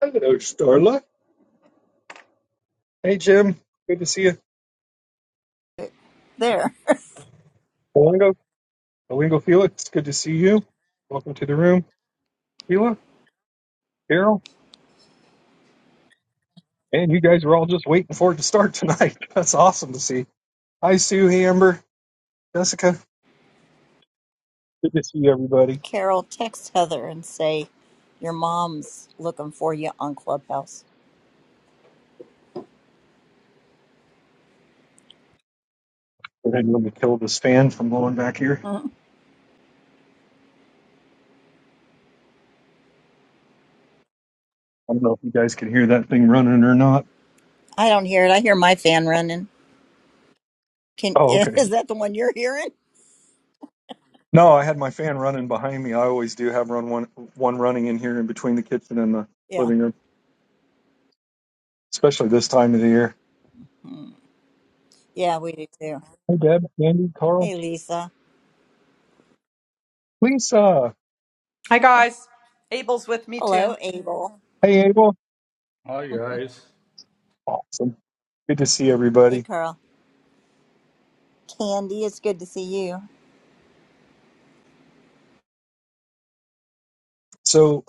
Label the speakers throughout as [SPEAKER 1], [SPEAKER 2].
[SPEAKER 1] Hello, Starla. Hey, Jim. Good to see you.
[SPEAKER 2] There,
[SPEAKER 1] Olingo, Olingo Felix, good to see you. Welcome to the room. Sheila, Carol, and you guys were all just waiting for it to start tonight. That's awesome to see. Hi, Sue. Hey, Amber. Jessica. Good to see everybody.
[SPEAKER 2] Carol, text Heather and say your mom's looking for you on Clubhouse.
[SPEAKER 1] Go ahead and let me kill this fan from blowing back here.
[SPEAKER 2] Mm,
[SPEAKER 1] I don't know if you guys can hear that thing running or not.
[SPEAKER 2] I don't hear it. I hear my fan running. Can
[SPEAKER 1] Oh, okay.
[SPEAKER 2] is that the one you're hearing?
[SPEAKER 1] No, I had my fan running behind me. I always do have run one one running in here in between the kitchen and the
[SPEAKER 2] Yeah,
[SPEAKER 1] living room, especially this time of the year.
[SPEAKER 2] Mm, yeah, we do too.
[SPEAKER 1] Hey, Deb, Andy, Carl.
[SPEAKER 2] Hey, Lisa.
[SPEAKER 1] Lisa.
[SPEAKER 3] Hi guys. Abel's with me too.
[SPEAKER 2] Hello, Abel.
[SPEAKER 1] Hey, Abel.
[SPEAKER 3] Hi guys.
[SPEAKER 1] Awesome. Good to see
[SPEAKER 2] Hey,
[SPEAKER 1] everybody.
[SPEAKER 2] Carl. Candy, it's good to see you.
[SPEAKER 1] So,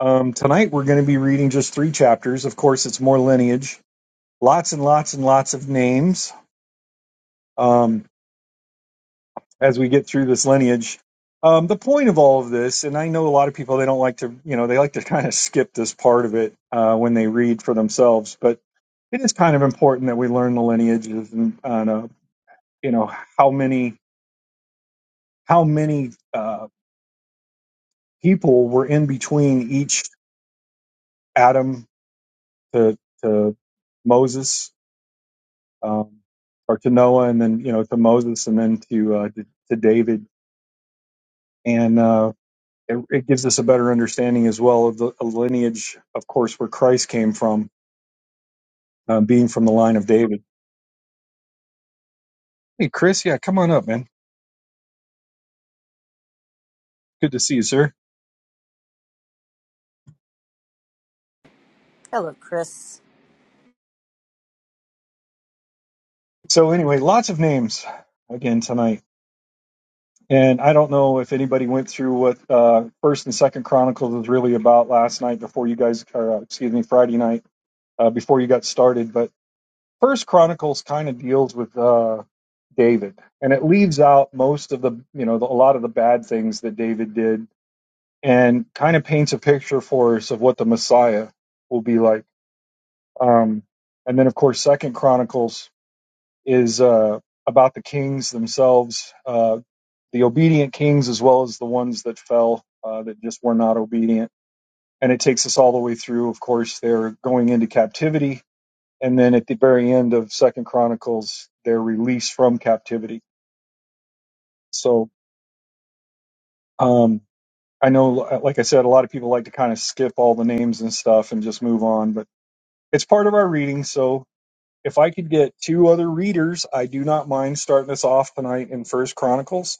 [SPEAKER 1] um, tonight we're going to be reading just three chapters. Of course, it's more lineage, lots and lots and lots of names um, as we get through this lineage. Um, the point of all of this, and I know a lot of people, they don't like to, you know, they like to kind of skip this part of it uh, when they read for themselves, but it is kind of important that we learn the lineages and, and uh, you know, how many, how many uh, people were in between each Adam to to Moses um, or to Noah, and then you know to Moses, and then to uh, to, to David, and uh, it, it gives us a better understanding as well of the a lineage, of course, where Christ came from, uh, being from the line of David. Hey, Chris, yeah, come on up, man. Good to see you, sir.
[SPEAKER 2] Hello, Chris.
[SPEAKER 1] So anyway, lots of names again tonight. And I don't know if anybody went through what uh, First and Second Chronicles was really about last night before you guys, or uh, excuse me, Friday night uh, before you got started. But First Chronicles kind of deals with uh, David, and it leaves out most of the you know the, a lot of the bad things that David did, and kind of paints a picture for us of what the Messiah will be like. Um, and then, of course, Second Chronicles is uh, about the kings themselves, uh, the obedient kings as well as the ones that fell uh, that just were not obedient. And it takes us all the way through. Of course, they're going into captivity and then at the very end of second chronicles they're released from captivity so um i know like i said a lot of people like to kind of skip all the names and stuff and just move on but it's part of our reading so if i could get two other readers i do not mind starting us off tonight in first chronicles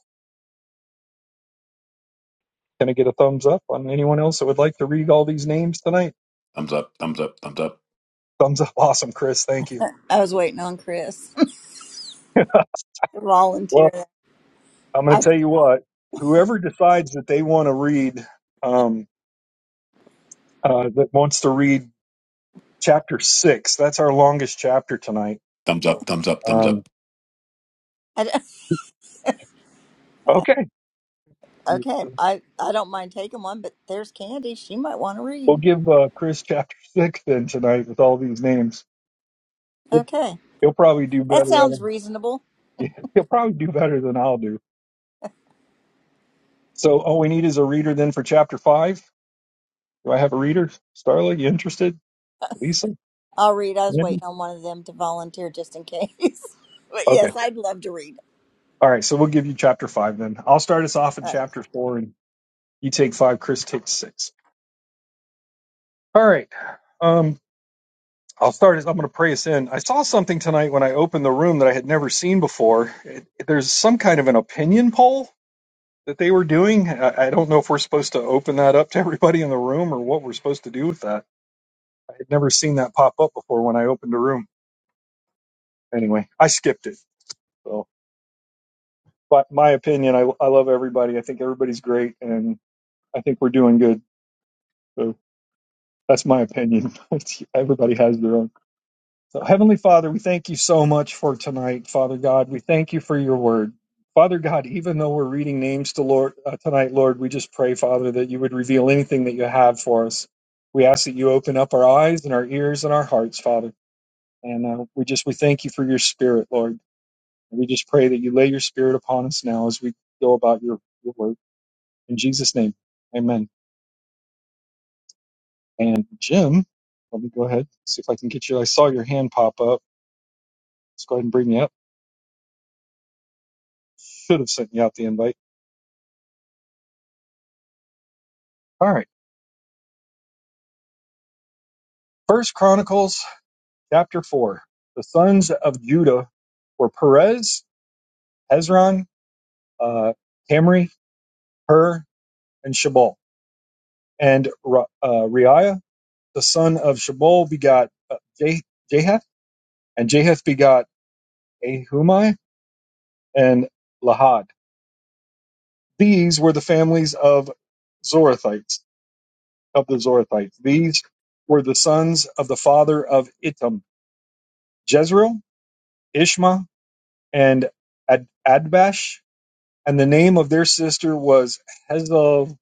[SPEAKER 1] can i get a thumbs up on anyone else that would like to read all these names tonight thumbs up awesome chris thank you
[SPEAKER 2] I was waiting on Chris. Volunteer.
[SPEAKER 1] well i'm going to
[SPEAKER 2] I,
[SPEAKER 1] tell you what whoever decides that they want to read um, uh, that wants to read chapter six. That's our longest chapter tonight. Um,
[SPEAKER 2] I
[SPEAKER 1] okay,
[SPEAKER 2] okay. I I don't mind taking one, but there's Candy. She might want to
[SPEAKER 1] we'll
[SPEAKER 2] read.
[SPEAKER 1] give uh, Chris chapter six then tonight with all these names. He'll,
[SPEAKER 2] Okay,
[SPEAKER 1] he'll probably do
[SPEAKER 2] that
[SPEAKER 1] better at
[SPEAKER 2] sounds
[SPEAKER 1] 'em.
[SPEAKER 2] reasonable.
[SPEAKER 1] He'll probably do better than I'll do. So all we need is a reader then for chapter five. Do I have a reader? Starla, you interested? Lisa?
[SPEAKER 2] I'll read. I was
[SPEAKER 1] Andy?
[SPEAKER 2] waiting on one of them to volunteer just in case. but
[SPEAKER 1] Okay.
[SPEAKER 2] yes, I'd love to read.
[SPEAKER 1] All right. So we'll give you chapter five then. I'll start us off in
[SPEAKER 2] All right.
[SPEAKER 1] chapter four, and you take five. Chris takes six. All right. Um, I'll start. as- I'm going to pray us in. I saw something tonight when I opened the room that I had never seen before. It, there's some kind of an opinion poll that they were doing. I, I don't know if we're supposed to open that up to everybody in the room or what we're supposed to do with that. I had never seen that pop up before when I opened a room. Anyway, I skipped it. So, but my opinion, I, I love everybody. I think everybody's great, and I think we're doing good. So that's my opinion. everybody has their own. So, Heavenly Father, we thank you so much for tonight, Father God. We thank you for your word. Father God, even though we're reading names to Lord uh, tonight, Lord, we just pray, Father, that you would reveal anything that you have for us. We ask that you open up our eyes and our ears and our hearts, Father. And uh, we just we thank you for your spirit, Lord. We just pray that you lay your spirit upon us now as we go about your, your word. In Jesus' name, amen. And Jim, let me go ahead, see if I can get you. I saw your hand pop up. Let's go ahead and bring you up. Should have sent you out the invite. All right. First Chronicles chapter four. The sons of Judah were Perez, Hezron, uh, Camry, Hur, and Shabal. And Ra- uh, Reiah, the son of Shabal, begot uh, Jahath, and Jahath begot Ahumai and Lahad. These were the families of Zorathites of the Zorathites. These were the sons of the father of Ittam, Jezreel, Ishma, and Ad- Adbash, and the name of their sister was Hazel,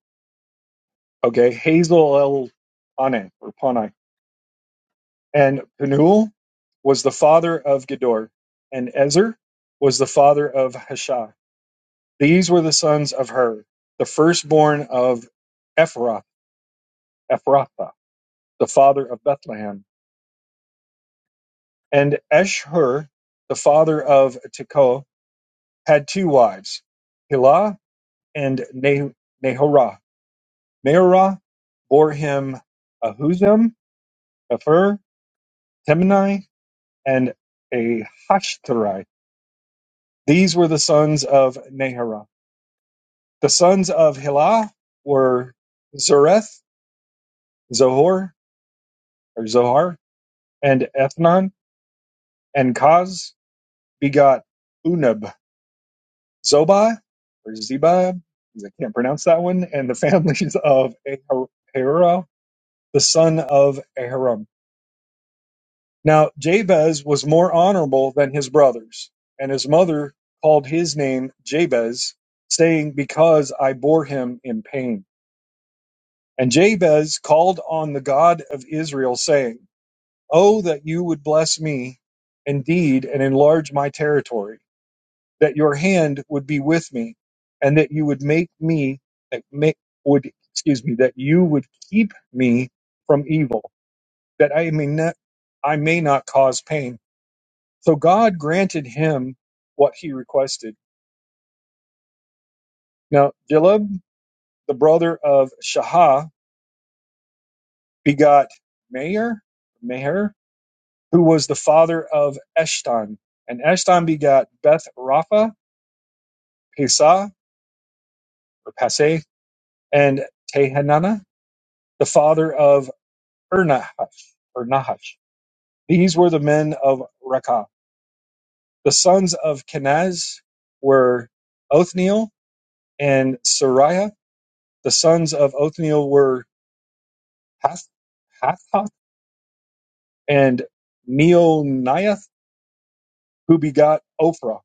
[SPEAKER 1] okay, Hazel El Pane or Panai. And Penuel was the father of Gedor, and Ezer was the father of Hashah. These were the sons of Hur, the firstborn of Ephrath, Ephrathah, the father of Bethlehem. And Eshur, the father of Tekoa, had two wives, Hilah and Nehorah. Nehorah bore him Ahuzam, Hefer, Temnai, and Ahashtari. These were the sons of Neherah. The sons of Hilah were Zereth, Zohor, or Zohar, and Ethnan and Kaz begot Unab, Zobai, or Zebab, I can't pronounce that one, and the families of Ahara, the son of Aharam. Now Jabez was more honourable than his brothers, and his mother called his name Jabez, saying, Because I bore him in pain. And Jabez called on the God of Israel, saying, Oh, that you would bless me indeed and enlarge my territory, that your hand would be with me, and that you would make me, that make, would, excuse me, that you would keep me from evil, that I may not, I may not cause pain. So God granted him what he requested. Now, Dilib, the brother of Shahah, begot Meir, Meher, who was the father of Eshton. And Eshton begot Beth Rapha, Pesah, or Paseh, and Tehanana, the father of Ernahash, or Nahash. These were the men of Rekah. The sons of Kenaz were Othniel and Sariah. The sons of Othniel were Hath. Hathath and Meoniath, who begot Ophrah.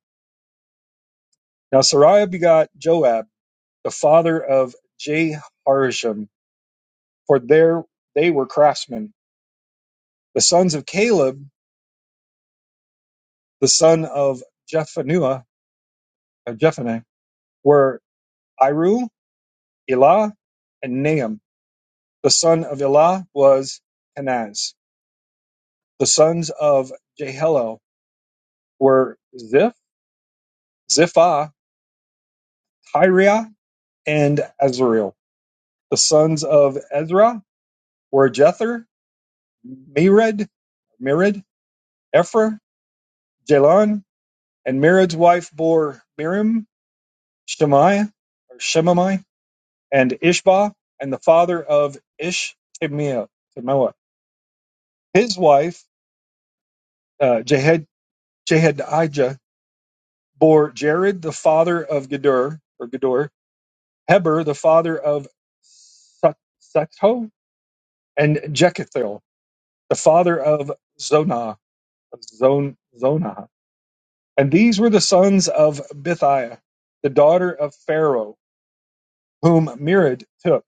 [SPEAKER 1] Now Sariah begot Joab, the father of Jeharsham, for there they were craftsmen. The sons of Caleb, the son of Jephunneh, of Jephunneh were Iru, Elah, and Nahum. The son of Elah was Kenaz. The sons of Jehiel were Ziph, Ziphah, Tyriah, and Azriel. The sons of Ezra were Jether, Mered, Mered, Ephra, Jalon, and Mered's wife bore Merim, Shemai, or Shemamai, and Ishba, and the father of Ishmael. His wife, uh, Jehed, Jehedijah, bore Jared, the father of Gedor, or Gedor, Heber, the father of Sut- and Jekethel, the father of Zonah, of Zon, Zonah. And these were the sons of Bithiah, the daughter of Pharaoh, whom Merid took.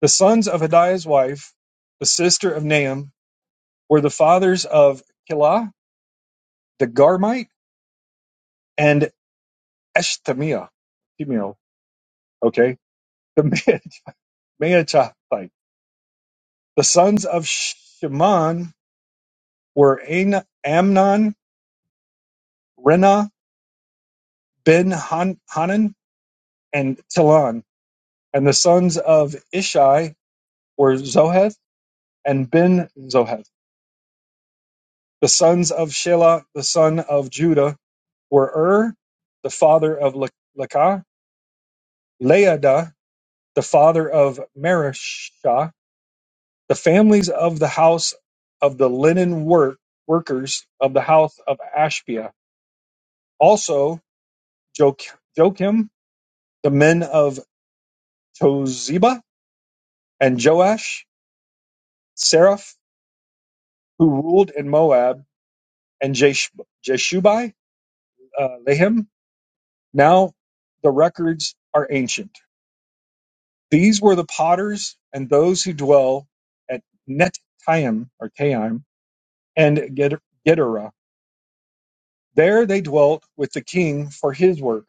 [SPEAKER 1] The sons of Hodiah's wife, the sister of Nahum, were the fathers of Kilah, the Garmite, and Eshtemiah. Eshtemiel, Okay. The Maachathite. The sons of Shimon were An- Amnon, Rena, Ben Han- Hanan, and Tilon. And the sons of Ishai were Zoheth and Ben Zoheth. The sons of Shelah the son of Judah were Er the father of Le- Lekah, Laada the father of Marishah. The families of the house of the linen work workers of the house of Ashbia. Also jo- the men of Toziba and Joash, Seraph, who ruled in Moab, and Jesh- Jeshubai, uh, Lehem. Now the records are ancient. These were the potters and those who dwell at Netayim or Taim and Ged- Gedera. There they dwelt with the king for his work.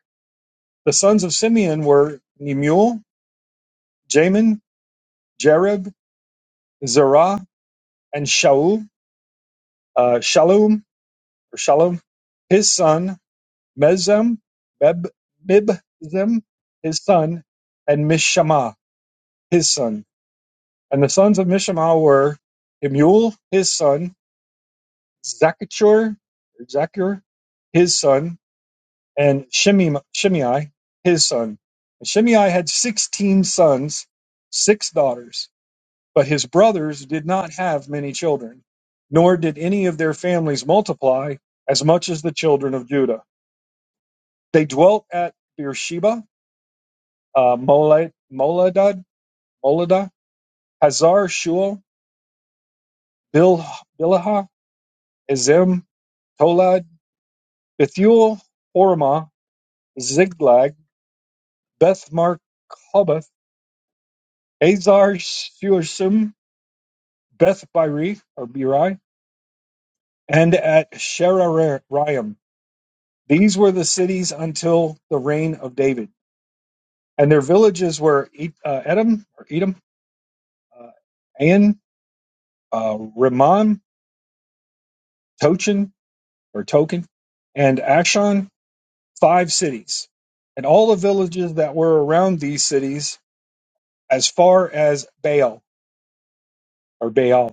[SPEAKER 1] The sons of Simeon were Nemuel, Jamin, Jareb, Zerah, and Shaul, uh, Shalom or Shalom, his son, Mezem, Beb, Mibzem, his son, and Mishama, his son. And the sons of Mishama were Emuel, his son, Zakur, Zakur, his son, and Shimei, Shimei, his son. And Shimei had 16 sons, six daughters, but his brothers did not have many children, nor did any of their families multiply as much as the children of Judah. They dwelt at Beersheba, uh, Mole- Moladad, Molada, Hazar Shul, Bil- Bilaha, Ezem, Tolad, Bethuel, Hormah, Ziglag, Beth-Mark Hobbath, Azar Shuasim, Beth Biri or Biri, and at Sheraraim. These were the cities until the reign of David, and their villages were E- uh, Edom or Edom, uh, An, uh, Rimmon, Tochin or Token, and Ashon. Five cities, and all the villages that were around these cities, as far as Baal or Baal.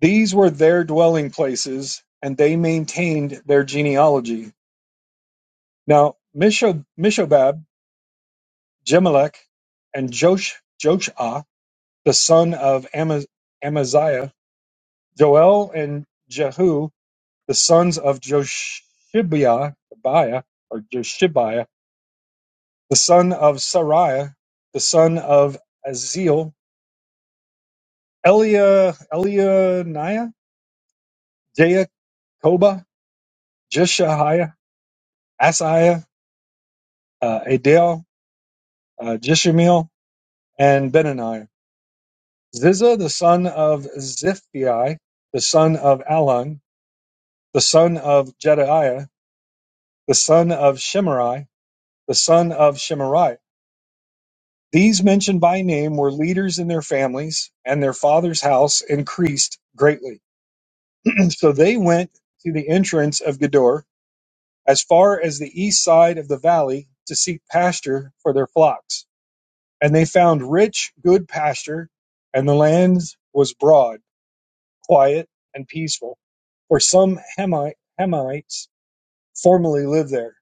[SPEAKER 1] These were their dwelling places, and they maintained their genealogy. Now Misho- Mishobab, Jemelech, and Josh, Joshua, the son of Ama- Amaziah, Joel and Jehu, the sons of Joshibiah, Biah, or Joshibiah, the son of Sariah, the son of Aziel, Elia, Elianiah, Jacoba, Jeshahiah, Asiah, uh, Adel, uh, Jishimeel, and Benani. Ziza, the son of Ziphi, the son of Alon, the son of Jediah, the son of Shemari, the son of Shemari. These mentioned by name were leaders in their families, and their father's house increased greatly. so they went to the entrance of Gedor, as far as the east side of the valley, to seek pasture for their flocks. And they found rich, good pasture, and the land was broad quiet and peaceful, where some Hamites formerly lived there.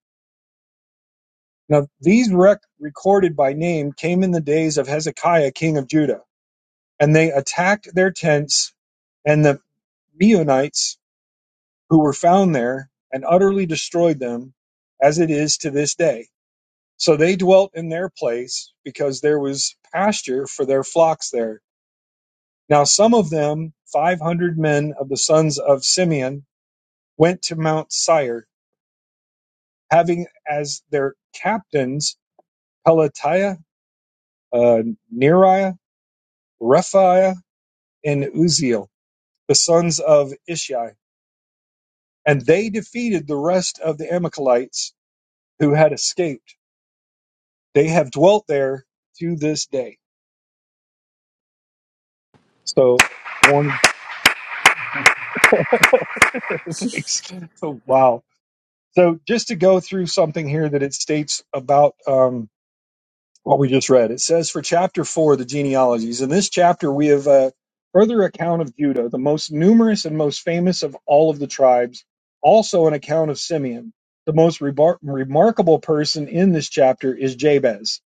[SPEAKER 1] Now, these rec- recorded by name came in the days of Hezekiah, king of Judah, and they attacked their tents and the Meunites who were found there and utterly destroyed them, as it is to this day. So they dwelt in their place because there was pasture for their flocks there. Now, some of them, 500 men of the sons of Simeon, went to Mount Sire having as their captains Pelatiah, uh, Neriah, Rephaiah, and Uziel, the sons of Ishi. And they defeated the rest of the Amalekites who had escaped. They have dwelt there to this day. So, one, thanks. So, wow. So, just to go through something here that it states about, um, what we just read. It says for chapter four, the genealogies. In this chapter, we have a further account of Judah, the most numerous and most famous of all of the tribes, also an account of Simeon. The most rebar- remarkable person in this chapter is Jabez.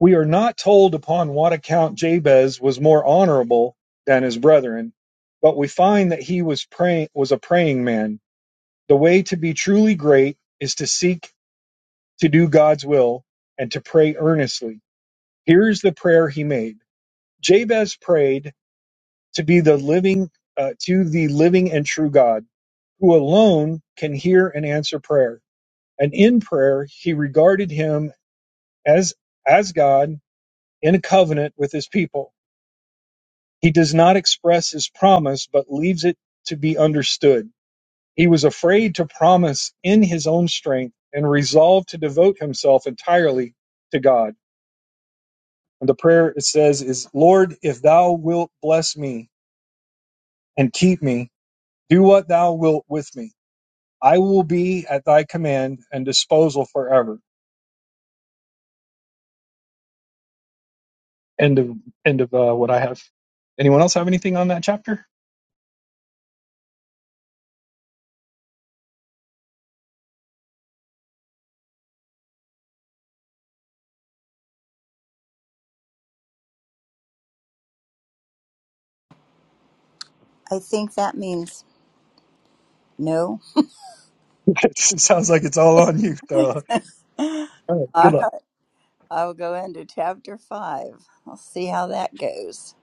[SPEAKER 1] We are not told upon what account Jabez was more honorable than his brethren, but we find that he was praying was a praying man. The way to be truly great is to seek to do God's will and to pray earnestly. Here is the prayer he made. Jabez prayed to be the living, uh, to the living and true God, who alone can hear and answer prayer. And in prayer, he regarded him as as God in a covenant with his people. He does not express his promise, but leaves it to be understood. He was afraid to promise in his own strength and resolved to devote himself entirely to God. And the prayer it says is, Lord, if thou wilt bless me, and keep me. Do what thou wilt with me. I will be at thy command and disposal forever. End of end of uh, what I have. Anyone else have anything on that chapter?
[SPEAKER 2] I think that means no.
[SPEAKER 1] it sounds like it's all on you, Darla. All right, good
[SPEAKER 2] All
[SPEAKER 1] luck.
[SPEAKER 2] right. I will go into chapter five. I'll see how that goes.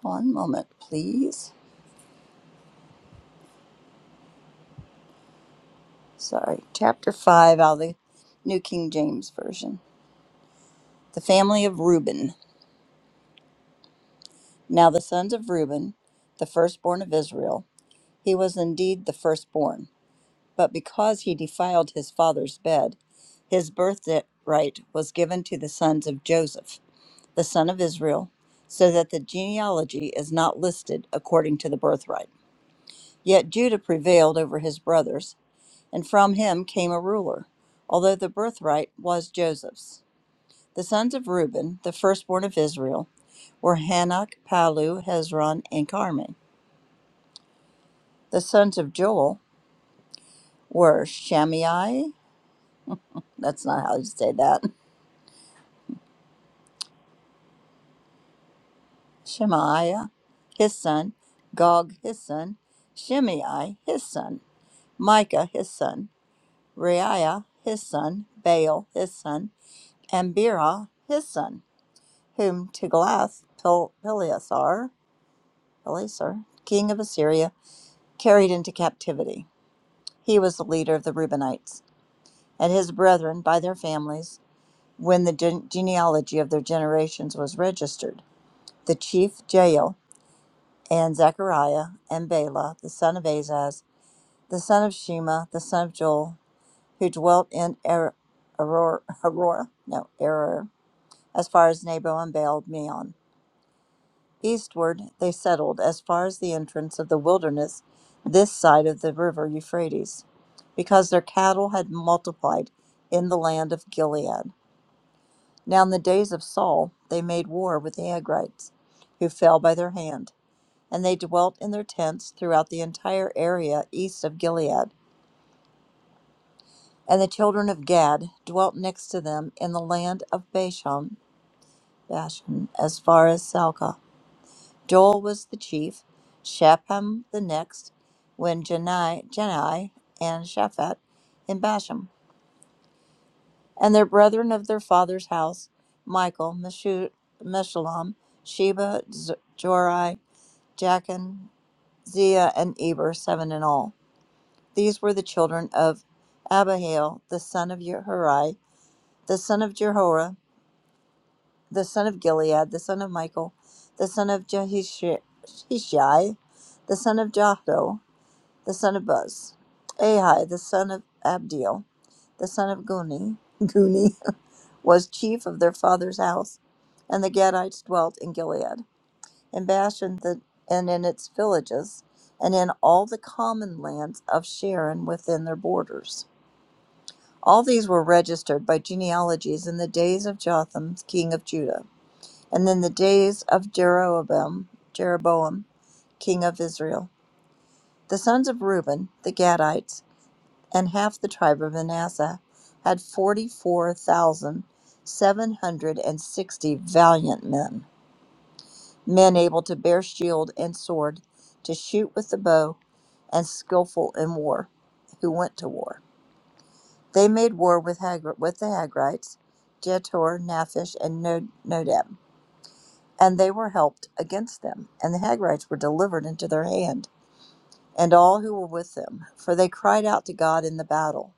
[SPEAKER 2] One moment, please. Sorry. Chapter five out of the New King James Version. The family of Reuben. Now, the sons of Reuben, the firstborn of Israel, he was indeed the firstborn But because he defiled his father's bed, his birthright was given to the sons of Joseph, the son of Israel, so that the genealogy is not listed according to the birthright. Yet Judah prevailed over his brothers, and from him came a ruler, although the birthright was Joseph's. The sons of Reuben, the firstborn of Israel, were Hanok, Palu, Hezron, and Carmi. The sons of Joel were Shammai, that's not how you say that, Shemaiah, his son, Gog, his son, Shimei, his son, Micah, his son, Reiah, his son, Baal, his son, and Bera, his son, whom Tiglath-Pileser, Pileser, king of Assyria, carried into captivity. He was the leader of the Reubenites, and his brethren by their families, when the gen- genealogy of their generations was registered. The chief Jael and Zechariah, and Bela, the son of Azaz, the son of Shema, the son of Joel, who dwelt in Er- Aror- Aurora, no, Eror, as far as Nebo and Baal Meon. Eastward they settled as far as the entrance of the wilderness, this side of the river Euphrates, because their cattle had multiplied in the land of Gilead. Now in the days of Saul they made war with the Agrites, who fell by their hand. and they dwelt in their tents throughout the entire area east of Gilead. And the children of Gad dwelt next to them in the land of Bashan, Bashan as far as Salcah. Joel was the chief, Shapham the next, when Jenai, Jenai and Shaphat in Bashan. And their brethren of their father's house, Michael, Meshu- Meshullam, Sheba, Z- Jorai, Jachin, Zia, and Eber, seven in all. These were the children of Abihail, the son of Yehorai, the son of Jehoram, the son of Gilead, the son of Michael, the son of Jehishai, the son of Jahdo, the son of Buz. Ahai, the son of Abdiel, the son of Guni, Guni was chief of their father's house, and the Gadites dwelt in Gilead, in Bashan the, and in its villages, and in all the common lands of Sharon within their borders. All these were registered by genealogies in the days of Jotham, king of Judah, and in the days of Jeroboam, Jeroboam, king of Israel. The sons of Reuben, the Gadites, and half the tribe of Manasseh had 44,760 valiant men, men able to bear shield and sword, to shoot with the bow, and skillful in war, who went to war. They made war with, Hagri- with the Hagrites, Jetor, Naphish, and No- Nodab, and they were helped against them. And the Hagrites were delivered into their hand, and all who were with them, for they cried out to God in the battle.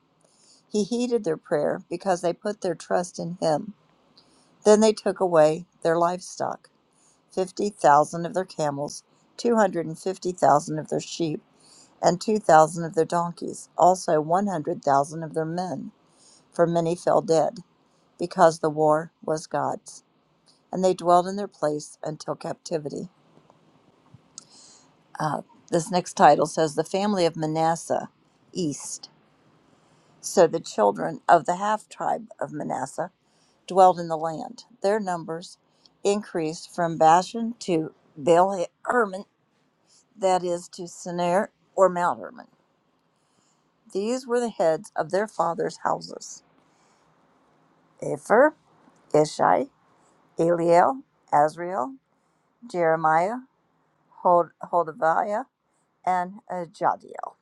[SPEAKER 2] He heeded their prayer, because they put their trust in him. Then they took away their livestock, 50,000 of their camels, 250,000 of their sheep, and 2,000 of their donkeys, also 100,000 of their men, for many fell dead. because the war was God's, and they dwelled in their place until captivity. Uh, this next title says The Family of Manasseh East. So the children of the half tribe of Manasseh dwelled in the land. Their numbers increased from Bashan to Baal Hermon, that is, to Sinir or Mount Hermon. These were the heads of their fathers' houses Epher, Ishai, Eliel, Azriel, Jeremiah, Hod- Hodaviah, and uh, Jadiel.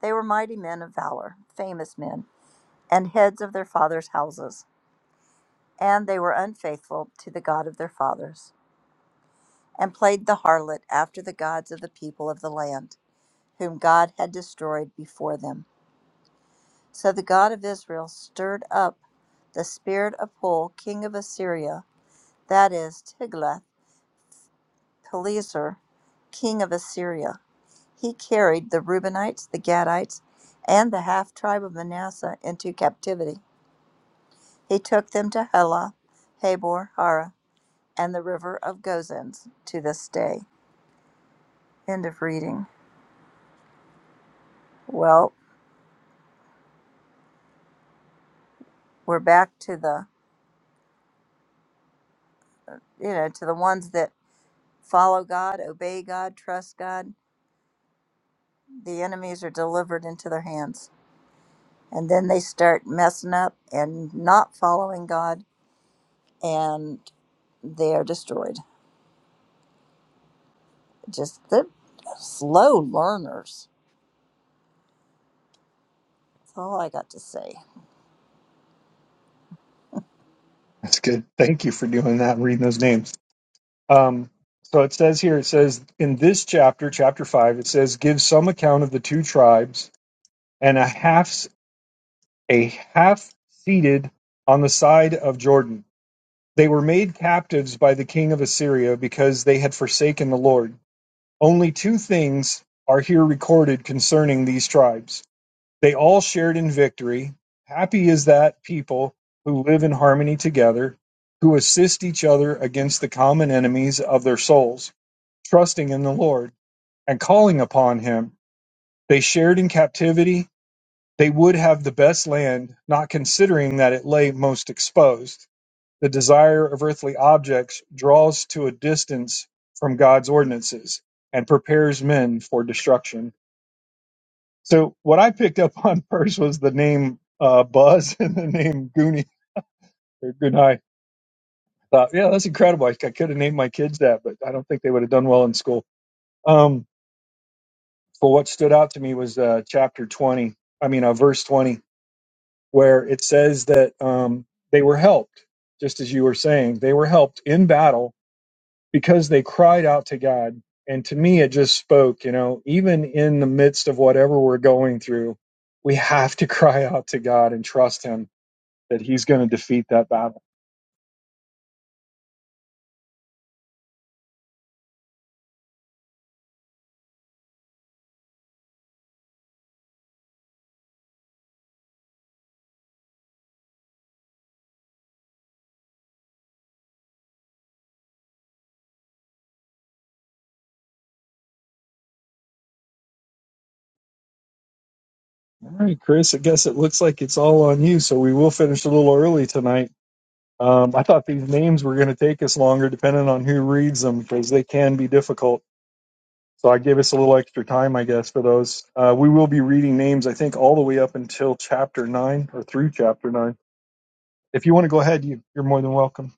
[SPEAKER 2] They were mighty men of valor, famous men, and heads of their fathers' houses. And they were unfaithful to the God of their fathers, and played the harlot after the gods of the people of the land, whom God had destroyed before them. So the God of Israel stirred up the spirit of Pul, king of Assyria, that is, Tiglath Pileser, king of Assyria. He carried the Reubenites, the Gadites, and the half tribe of Manasseh into captivity He took them to Hela, Habor, Hara, and the river of Gozans to this day. End of reading. Well, we're back to the you know to the ones that follow God, obey God, trust God. The enemies are delivered into their hands, and then they start messing up and not following God, and they are destroyed. Just they're slow learners. That's all I got to say.
[SPEAKER 1] That's good. Thank you for doing that and reading those names. Um, so it says here, it says in this chapter, chapter five, it says, give some account of the two tribes and a half a half seated on the side of Jordan. They were made captives by the king of Assyria because they had forsaken the Lord. Only two things are here recorded concerning these tribes. They all shared in victory. Happy is that people who live in harmony together, who assist each other against the common enemies of their souls, trusting in the Lord and calling upon him. They shared in captivity. They would have the best land, not considering that it lay most exposed. The desire of earthly objects draws to a distance from God's ordinances and prepares men for destruction. So what I picked up on first was the name uh, Buzz and the name Goonie or Goonai. Thought, yeah, that's incredible. I, I could have named my kids that, but I don't think they would have done well in school. Um, but what stood out to me was uh, chapter 20, I mean, uh, verse 20, where it says that um, they were helped, just as you were saying, they were helped in battle because they cried out to God. And to me, it just spoke, you know, even in the midst of whatever we're going through, we have to cry out to God and trust Him that He's going to defeat that battle. All right, Chris, I guess it looks like it's all on you. So we will finish a little early tonight. Um, I thought these names were going to take us longer depending on who reads them because they can be difficult. So I gave us a little extra time, I guess, for those. Uh, we will be reading names, I think, all the way up until chapter 9 or through chapter 9. If you want to go ahead, you, you're more than welcome.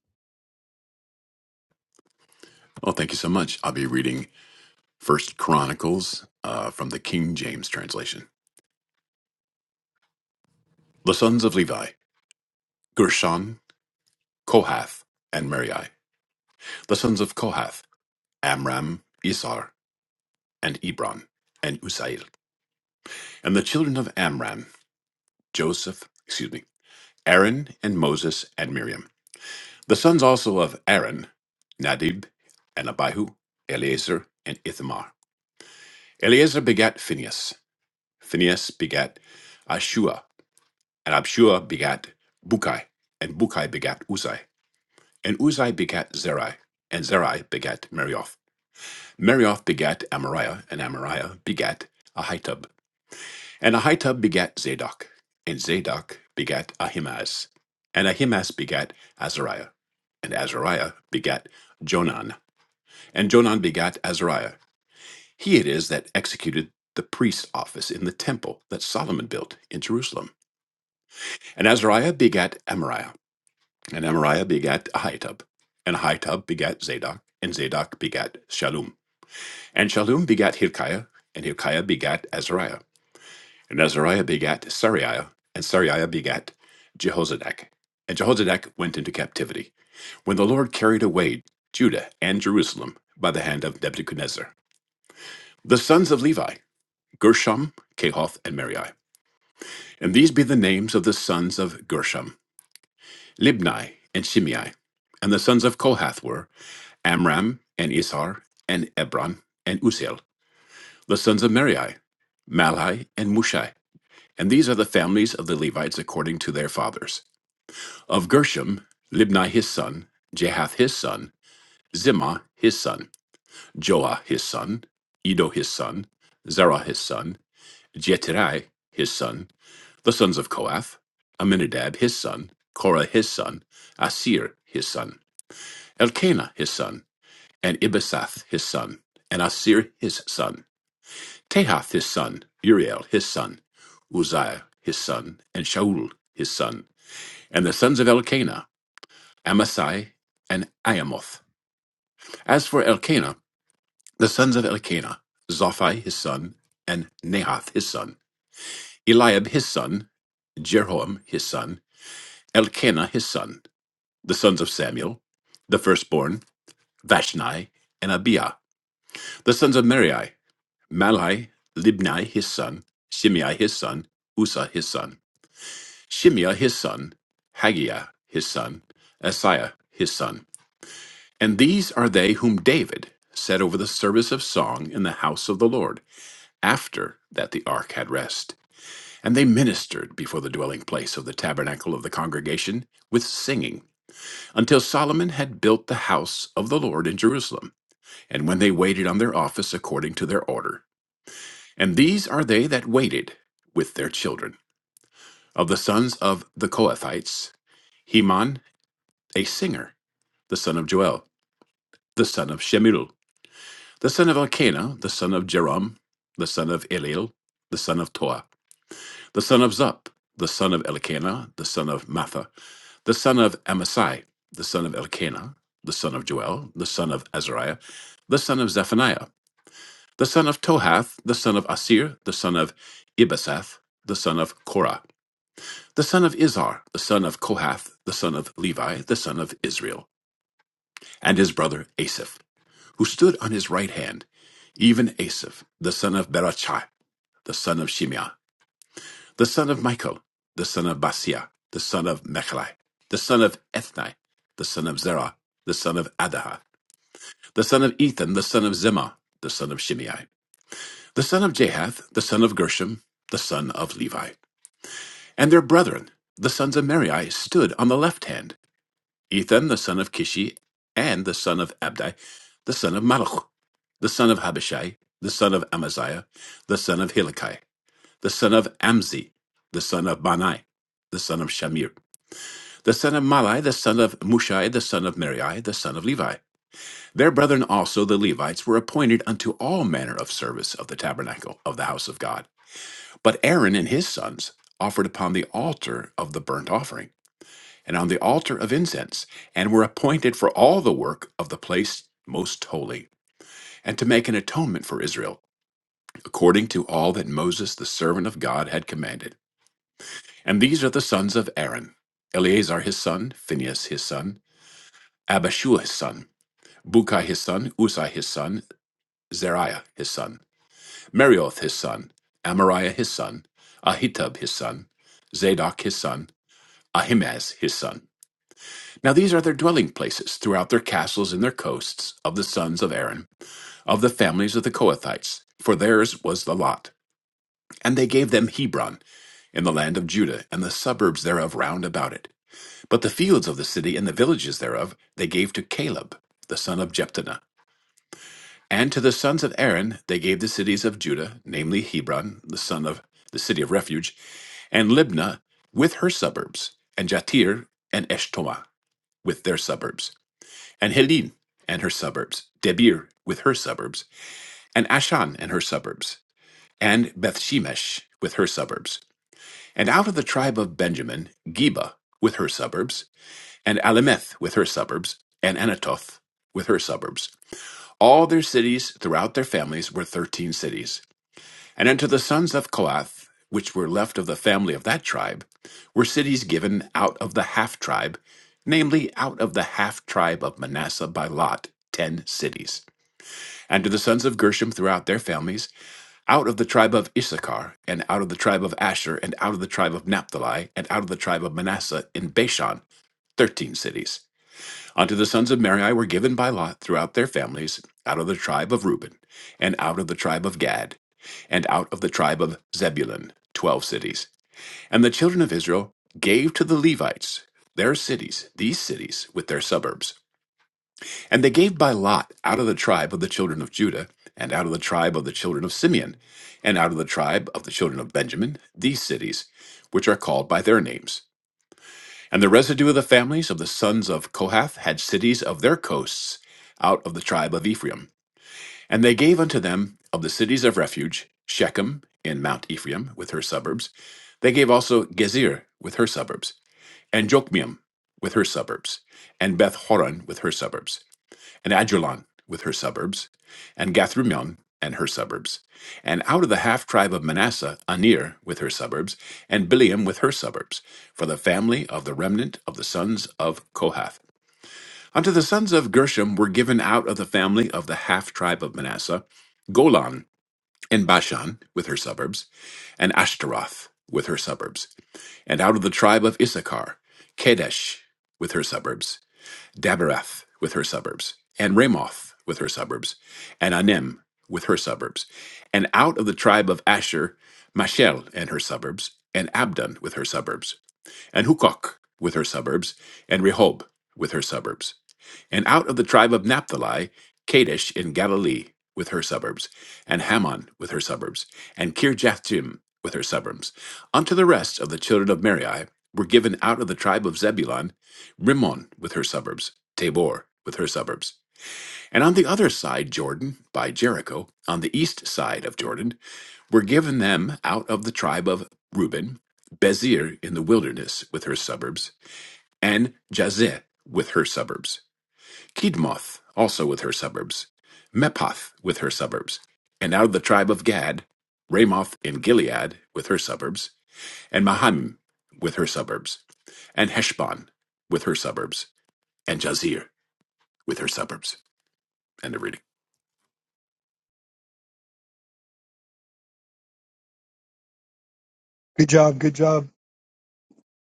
[SPEAKER 1] Good job. Good job.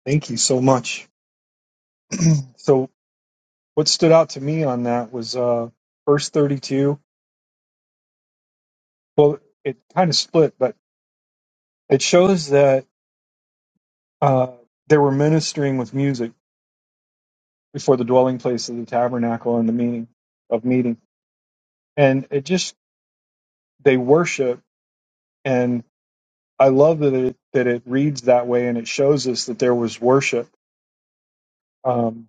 [SPEAKER 1] Thank you so much. So, what stood out to me on that was uh, verse 32. Well, it kind of split, but it shows that uh, they were ministering with music before the dwelling place of the tabernacle and the meeting of meeting. And it just, they worship. And I love that it, that it reads that way and it shows us that there was worship. Um,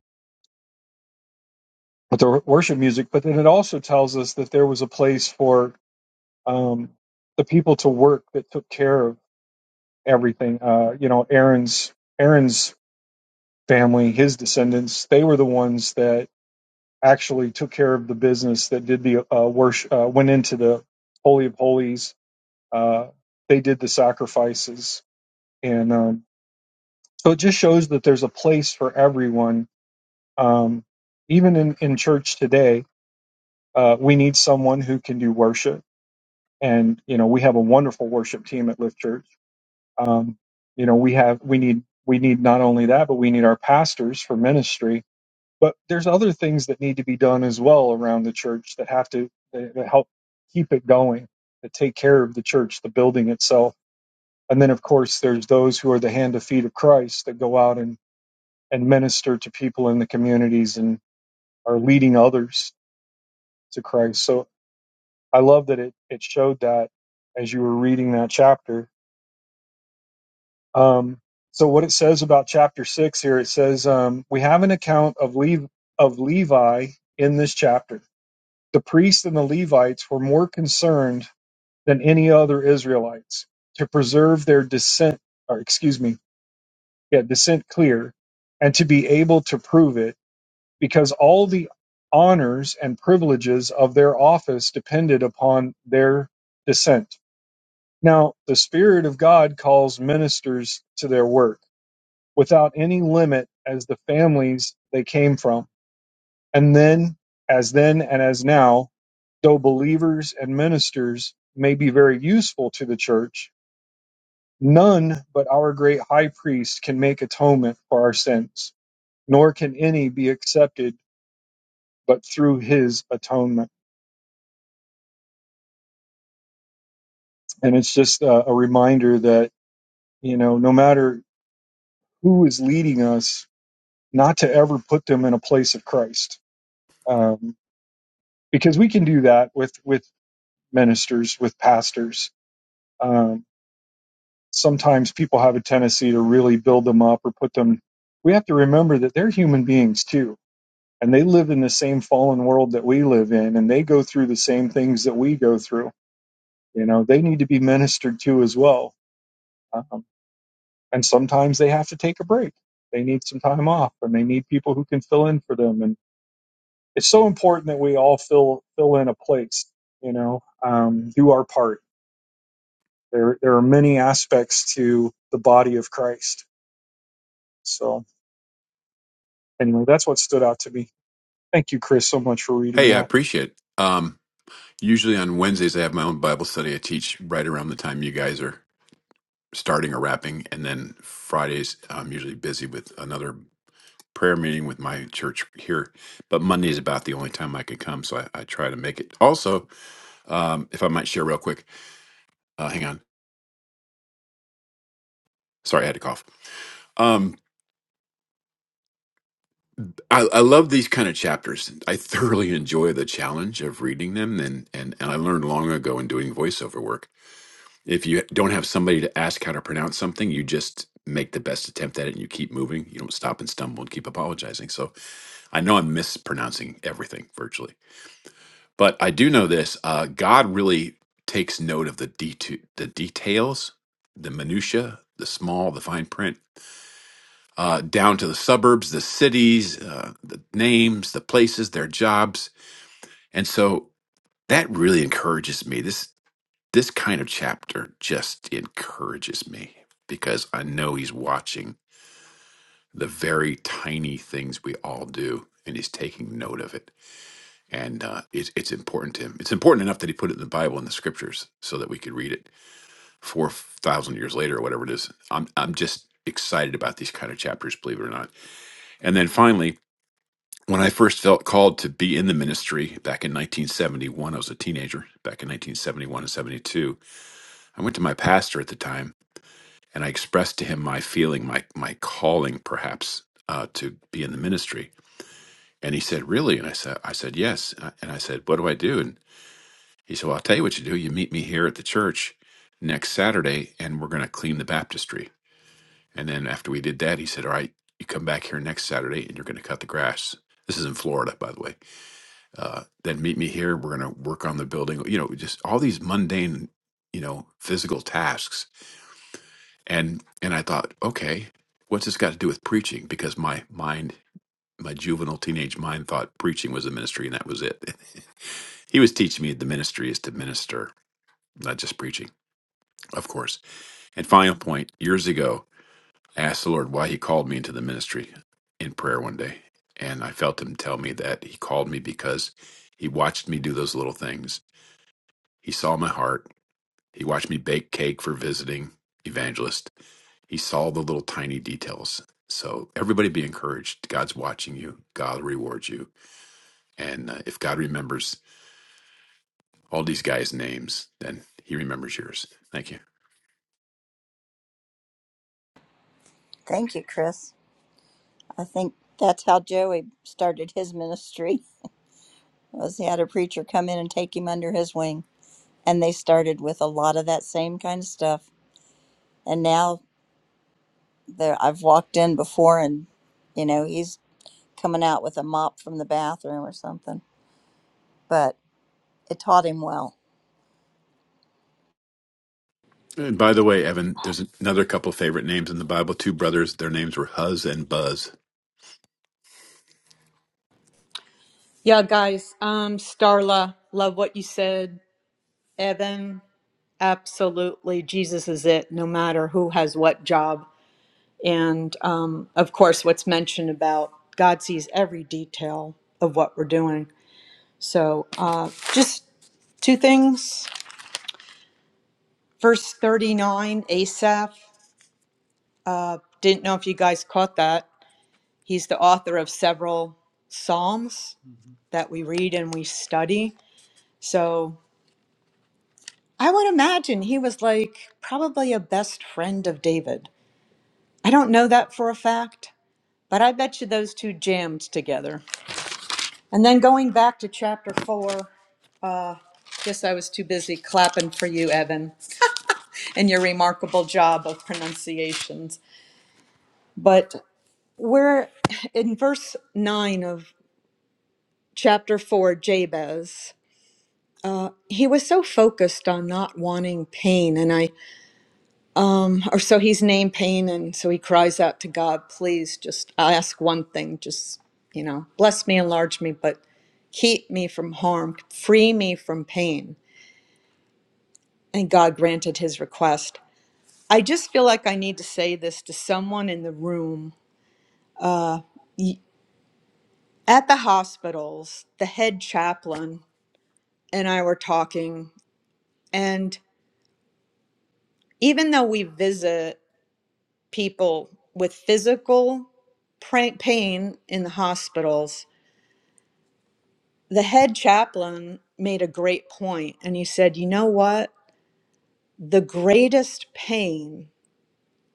[SPEAKER 1] with the worship music, but then it also tells us that there was a place for um, the people to work that took care of everything. Uh, you know, Aaron's Aaron's family, his descendants, they were the ones that actually took care of the business that did the uh, worship, uh, went into the holy of holies. Uh, they did the sacrifices, and um, so it just shows that there's a place for everyone. Um, even in in church today, uh, we need someone who can do worship, and you know, we have a wonderful worship team at Lift Church um, you know we have we need we need not only that but we need our pastors for ministry but there's other things that need to be done as well around the church that have to that that help keep it going that take care of the church the building itself and then of course there's those who are the hand and feet of christ that go out and and minister to people in the communities and are leading others to christ so i love that it it showed that as you were reading that chapter Um, so what it says about chapter six here, it says um, we have an account of Le- of Levi in this chapter. The priests and the Levites were more concerned than any other Israelites to preserve their descent, or excuse me, yeah, descent clear, and to be able to prove it, because all the honors and privileges of their office depended upon their descent. Now, the Spirit of God calls ministers to their work without any limit as the families they came from. And then, as then and as now, though believers and ministers may be very useful to the church, none but our great high priest can make atonement for our sins, nor can any be accepted but through his atonement. And it's just a, a reminder that, you know, no matter who is leading us, not to ever put them in a place of Christ. Um, because we can do that with, with ministers with pastors. Um, sometimes people have a tendency to really build them up or put them. We have to remember that they're human beings too, and they live in the same fallen world that we live in, and they go through the same things that we go through. You know, they need to be ministered to as well. Um, and sometimes they have to take a break. They need some time off, and they need people who can fill in for them. And it's so important that we all fill fill in a place. You know, um, do our part There, there are many aspects to the body of Christ. So anyway, that's what stood out to me. Thank you, Chris, so much for reading that.
[SPEAKER 2] Thank you, Chris. I think that's how Joey started his ministry. Was he had a preacher come in and take him under his wing, and they started with a lot of that same kind of stuff. And now there, I've walked in before, and you know he's coming out with a mop from the bathroom or something. But it taught him well.
[SPEAKER 3] Yeah, guys. Um, Starla, love what you said. Evan, absolutely. Jesus is it, no matter who has what job. And um, of course, what's mentioned about God sees every detail of what we're doing. So uh, just two things. Verse 39, Asaph. Uh, didn't know if you guys caught that. He's the author of several psalms mm-hmm. that we read and we study. So I would imagine he was like probably a best friend of David. I don't know that for a fact, but I bet you those two jammed together. And then going back to chapter four, uh, guess I was too busy clapping for you, Evan, and your remarkable job of pronunciations. But we're in verse 9 of chapter 4, Jabez. he was so focused on not wanting pain and i um or so he's named pain and so he cries out to god please just i ask one thing just you know bless me enlarge me but keep me from harm free me from pain and god granted his request i just feel like i need to say this to someone in the room Y- at the hospitals the head chaplain and i were talking and even though we visit people with physical pain in the hospitals, the head chaplain made a great point and he said, You know what? The greatest pain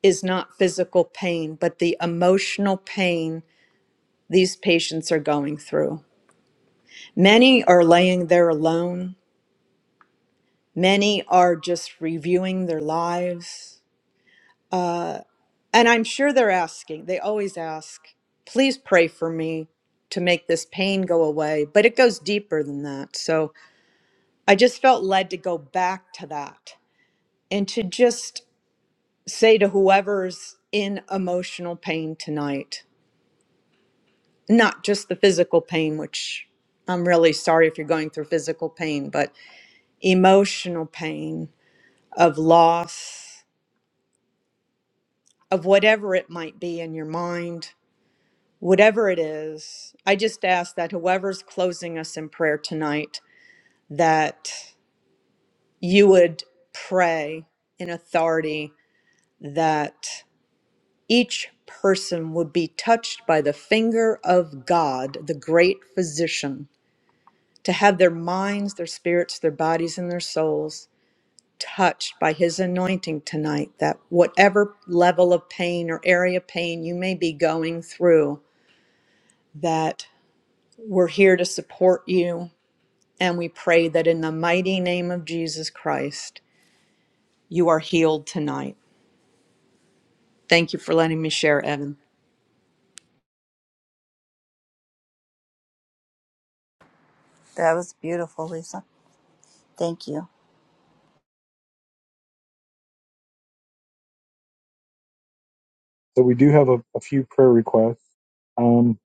[SPEAKER 3] is not physical pain, but the emotional pain these patients are going through. Many are laying there alone, many are just reviewing their lives. Uh, And I'm sure they're asking, they always ask, please pray for me to make this pain go away. But it goes deeper than that. So I just felt led to go back to that and to just say to whoever's in emotional pain tonight, not just the physical pain, which I'm really sorry if you're going through physical pain, but emotional pain of loss, of whatever it might be in your mind whatever it is, I just ask that whoever's closing us in prayer tonight, that you would pray in authority that each person would be touched by the finger of God, the great physician, to have their minds, their spirits, their bodies, and their souls touched by his anointing tonight, that whatever level of pain or area of pain you may be going through, that we're here to support you, And we pray that in the mighty name of Jesus Christ, you are healed tonight. Thank you for letting me share, Evan.
[SPEAKER 2] That was beautiful, Lisa. Thank you.
[SPEAKER 1] So we do have a, a few prayer requests. Um,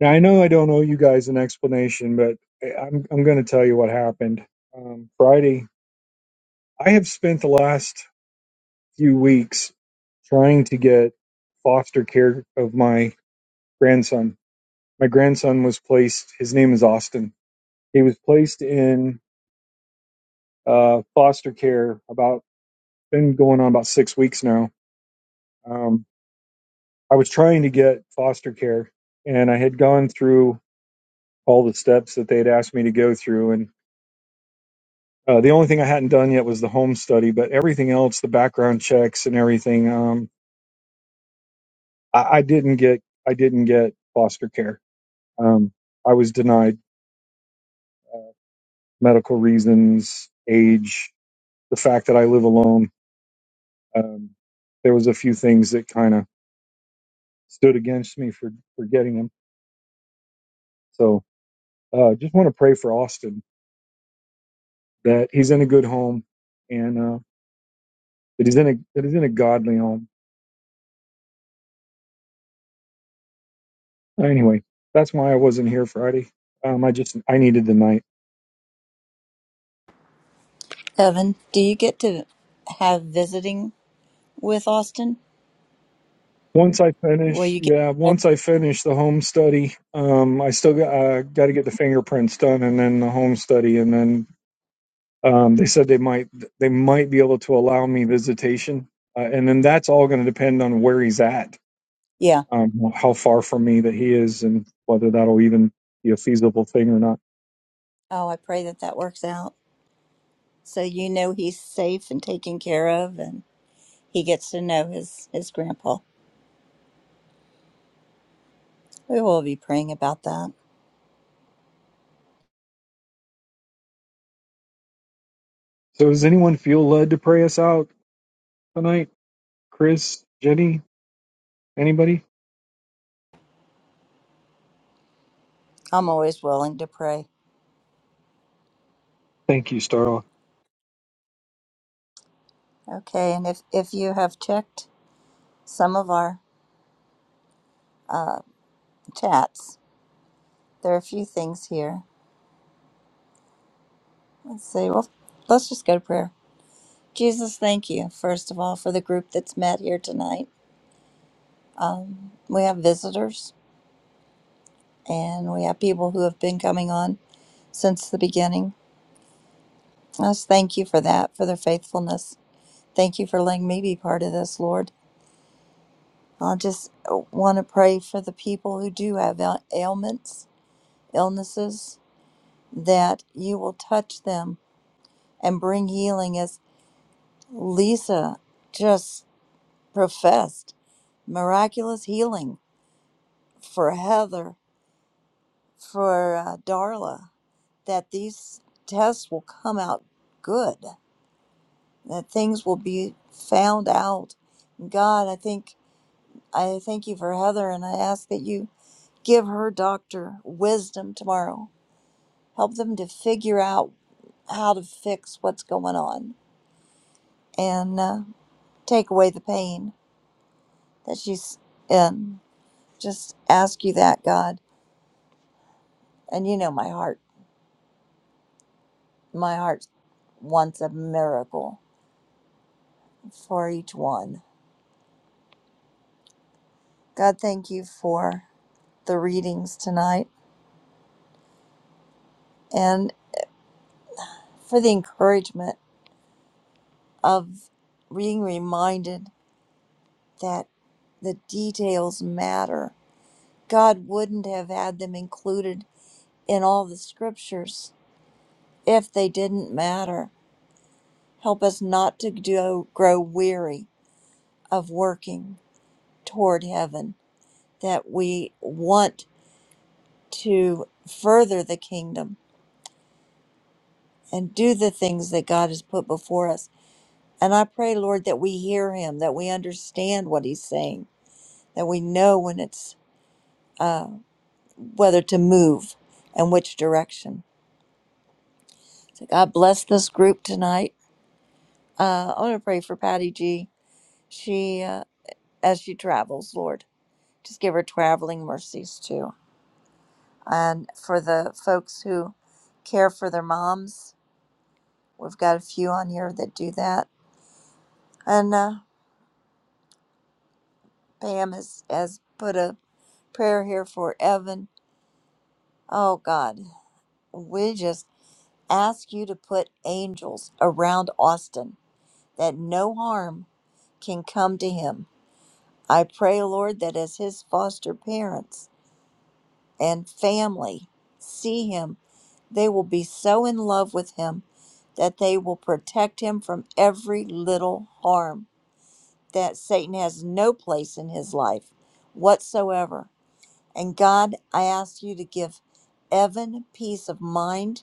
[SPEAKER 1] now I know I don't owe you guys an explanation, but I- am I'm going to tell you what happened um, Friday. I have spent the last few weeks trying to get foster care of my grandson. My grandson was placed. His name is Austin. He was placed in uh, foster care about been going on about six weeks now. Um, I was trying to get foster care, and I had gone through all the steps that they had asked me to go through. And uh, the only thing I hadn't done yet was the home study, but everything else, the background checks and everything, um, I, I didn't get. I didn't get foster care. Um, I was denied uh, medical reasons, age, the fact that I live alone. Um, there was a few things that kind of stood against me for for getting them. So uh, just want to pray for Austin that he's in a good home and uh, that he's in a that he's in a godly home. Anyway, that's why I wasn't here Friday. Um, I just I needed the night.
[SPEAKER 2] Evan, do you get to have visiting with Austin?
[SPEAKER 1] Once I
[SPEAKER 2] Will
[SPEAKER 1] finish,
[SPEAKER 2] you get?
[SPEAKER 1] yeah,
[SPEAKER 2] Oh,
[SPEAKER 1] once I finish the home study, um, I still got uh, got to get the fingerprints done and then the home study and then um, they said they might they might be able to allow me visitation uh, and then that's all going to depend on where he's at,
[SPEAKER 2] yeah.
[SPEAKER 1] um, how far from me that he is, and whether that'll even be a feasible thing or not.
[SPEAKER 2] Oh, I pray that that works out. So you know he's safe and taken care of, and he gets to know his his grandpa. We will be praying about that.
[SPEAKER 1] So does anyone feel led to pray us out tonight? Chris, Jenny, anybody?
[SPEAKER 2] I'm always willing to pray.
[SPEAKER 1] Thank you, Starla.
[SPEAKER 2] Okay, and if if you have checked some of our chats, there are a few things here. Let's see. Well, let's just go to prayer. Jesus, thank you, first of all, for the group that's met here tonight. We have visitors and we have people who have been coming on since the beginning. I just thank you for that, for their faithfulness. Thank you for letting me be part of this, Lord. I just want to pray for the people who do have ail- ailments, illnesses, that you will touch them and bring healing, as Lisa just professed miraculous healing for Heather for uh, Darla that these tests will come out good, that things will be found out. God, I think I thank you for Heather, and I ask that you give her doctor wisdom tomorrow. Help them to figure out how to fix what's going on and uh, take away the pain that she's in. Just ask you that, God. And you know my heart. My heart wants a miracle for each one God, thank you for the readings tonight and for the encouragement of being reminded that the details matter. God wouldn't have had them included in all the scriptures if they didn't matter. Help us not to do, grow weary of working toward heaven, that we want to further the kingdom and do the things that God has put before us And I pray, Lord, that we hear him, that we understand what he's saying, that we know when it's uh, whether to move and which direction. So God bless this group tonight. Uh, I want to pray for Patty G. She, uh, as she travels, Lord, just give her traveling mercies too. And for the folks who care for their moms, we've got a few on here that do that. And uh, Pam has, has put a prayer here for Evan. Oh, God. we just ask you to put angels around Austin that no harm can come to him. I pray, Lord, that as his foster parents and family see him, they will be so in love with him that they will protect him from every little harm, that Satan has no place in his life whatsoever. And God, I ask you to give Evan peace of mind.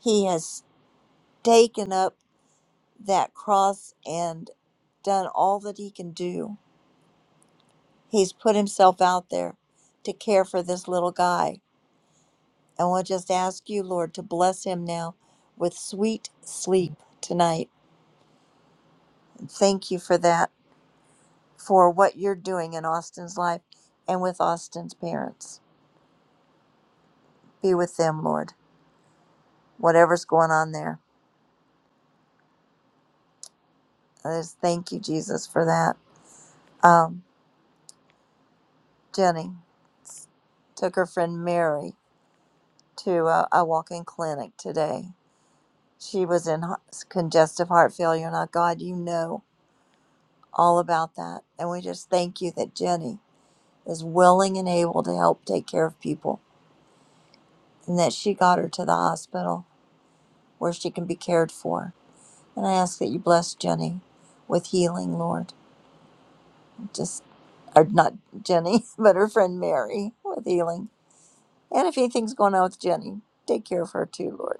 [SPEAKER 2] He has taken up. that cross and done all that he can do. He's put himself out there to care for this little guy. And we'll just ask you, Lord, to bless him now with sweet sleep tonight. Thank you for that, for what you're doing in Austin's life and with Austin's parents. Be with them, Lord, whatever's going on there. I just thank you, Jesus, for that. Um, Jenny took her friend Mary to a, a walk in clinic today She was in ho- congestive heart failure. Now, God, you know all about that. And we just thank you that Jenny is willing and able to help take care of people and that she got her to the hospital where she can be cared for. And I ask that you bless Jenny with healing, Lord. Just or not Jenny, but her friend Mary with healing. And if anything's going on with Jenny, take care of her too, Lord.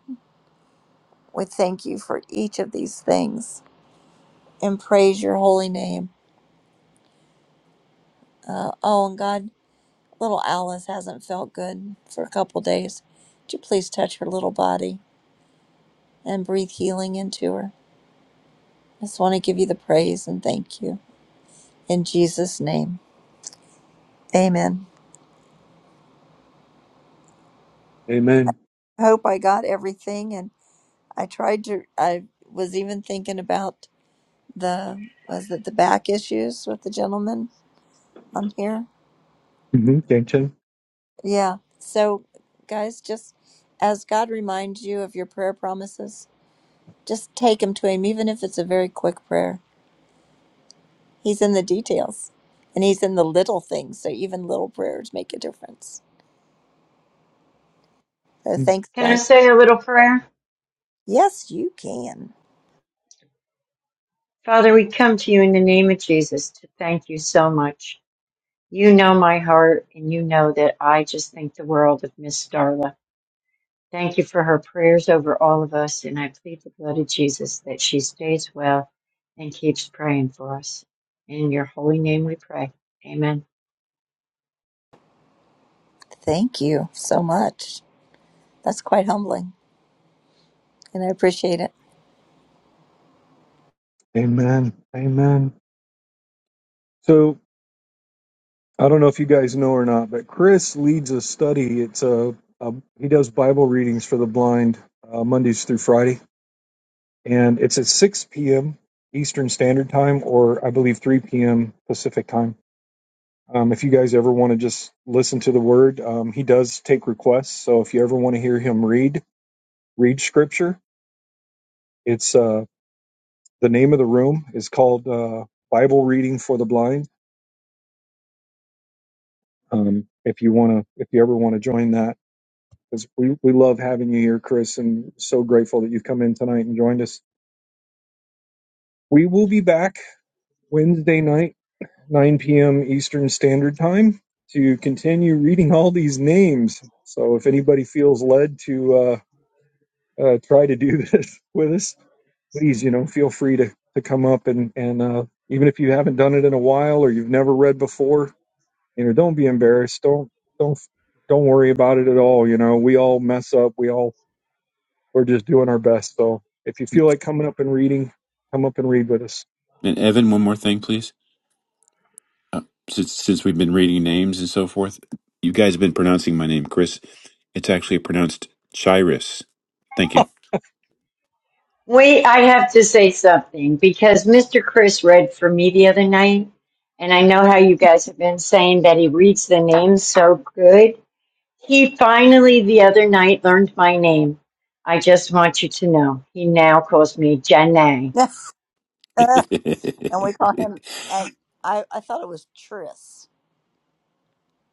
[SPEAKER 2] We thank you for each of these things and praise your holy name. Uh, oh, and God, Little Alice hasn't felt good for a couple days. Would you please touch her little body and breathe healing into her? I just want to give you the praise and thank you. In Jesus' name, amen.
[SPEAKER 1] Amen.
[SPEAKER 2] I hope I got everything. And I tried to, I was even thinking about the, was it the back issues with the gentleman on here?
[SPEAKER 1] Mm-hmm.
[SPEAKER 2] Yeah. So, guys, just as God reminds you of your prayer promises, just take them to Him, even if it's a very quick prayer He's in the details and he's in the little things. So even little prayers make a difference. So thanks,
[SPEAKER 4] Can I
[SPEAKER 2] guys.
[SPEAKER 4] say a little prayer?
[SPEAKER 2] Yes, you can.
[SPEAKER 4] Father, we come to you in the name of Jesus to thank you so much. You know my heart, and you know that I just think the world of Miss Darla. Thank you for her prayers over all of us, and I plead the blood of Jesus that she stays well and keeps praying for us. In your holy name we pray. Amen.
[SPEAKER 2] Thank you so much. That's quite humbling and I appreciate it.
[SPEAKER 1] Amen. Amen. So I don't know if you guys know or not, but Chris leads a study. It's a, a he does Bible readings for the blind uh, Mondays through Friday, and it's at 6 p.m. Eastern Standard Time, or I believe 3 p.m. Pacific Time. Um, if you guys ever want to just listen to the word, um, he does take requests. So if you ever want to hear him read, read scripture. It's uh, the name of the room is called uh, Bible Reading for the Blind. Um, if you want to, if you ever want to join that, because we, we love having you here, Chris, and so grateful that you've come in tonight and joined us. We will be back Wednesday night, 9 p.m. Eastern Standard Time, to continue reading all these names. So if anybody feels led to uh, uh, try to do this with us, please, you know, feel free to, to come up and, and uh, even if you haven't done it in a while or you've never read before, you know, don't be embarrassed. Don't, don't, don't worry about it at all. You know, we all mess up. We all, we're just doing our best. So if you feel like coming up and reading, come up and read with us.
[SPEAKER 4] Wait, I have to say something because Mr. Chris read for me the other night, and I know how you guys have been saying that he reads the names so good He finally the other night learned my name. I just want you to know. He now calls me Jenna.
[SPEAKER 2] and we call him, and I, I thought it was Tris.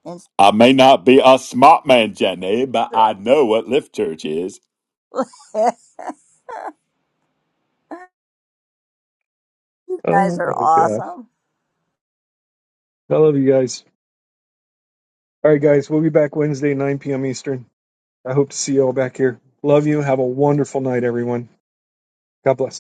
[SPEAKER 2] And it's
[SPEAKER 5] I may not be a smart man, Jenny, but
[SPEAKER 2] Tris.
[SPEAKER 5] I know what Lift Church is.
[SPEAKER 2] you guys
[SPEAKER 1] Oh
[SPEAKER 2] are
[SPEAKER 1] my gosh.
[SPEAKER 2] awesome.
[SPEAKER 1] I love you guys. All right, guys, we'll be back Wednesday, 9 p.m. Eastern. I hope to see you all back here. Love you. Have a wonderful night, everyone. God bless.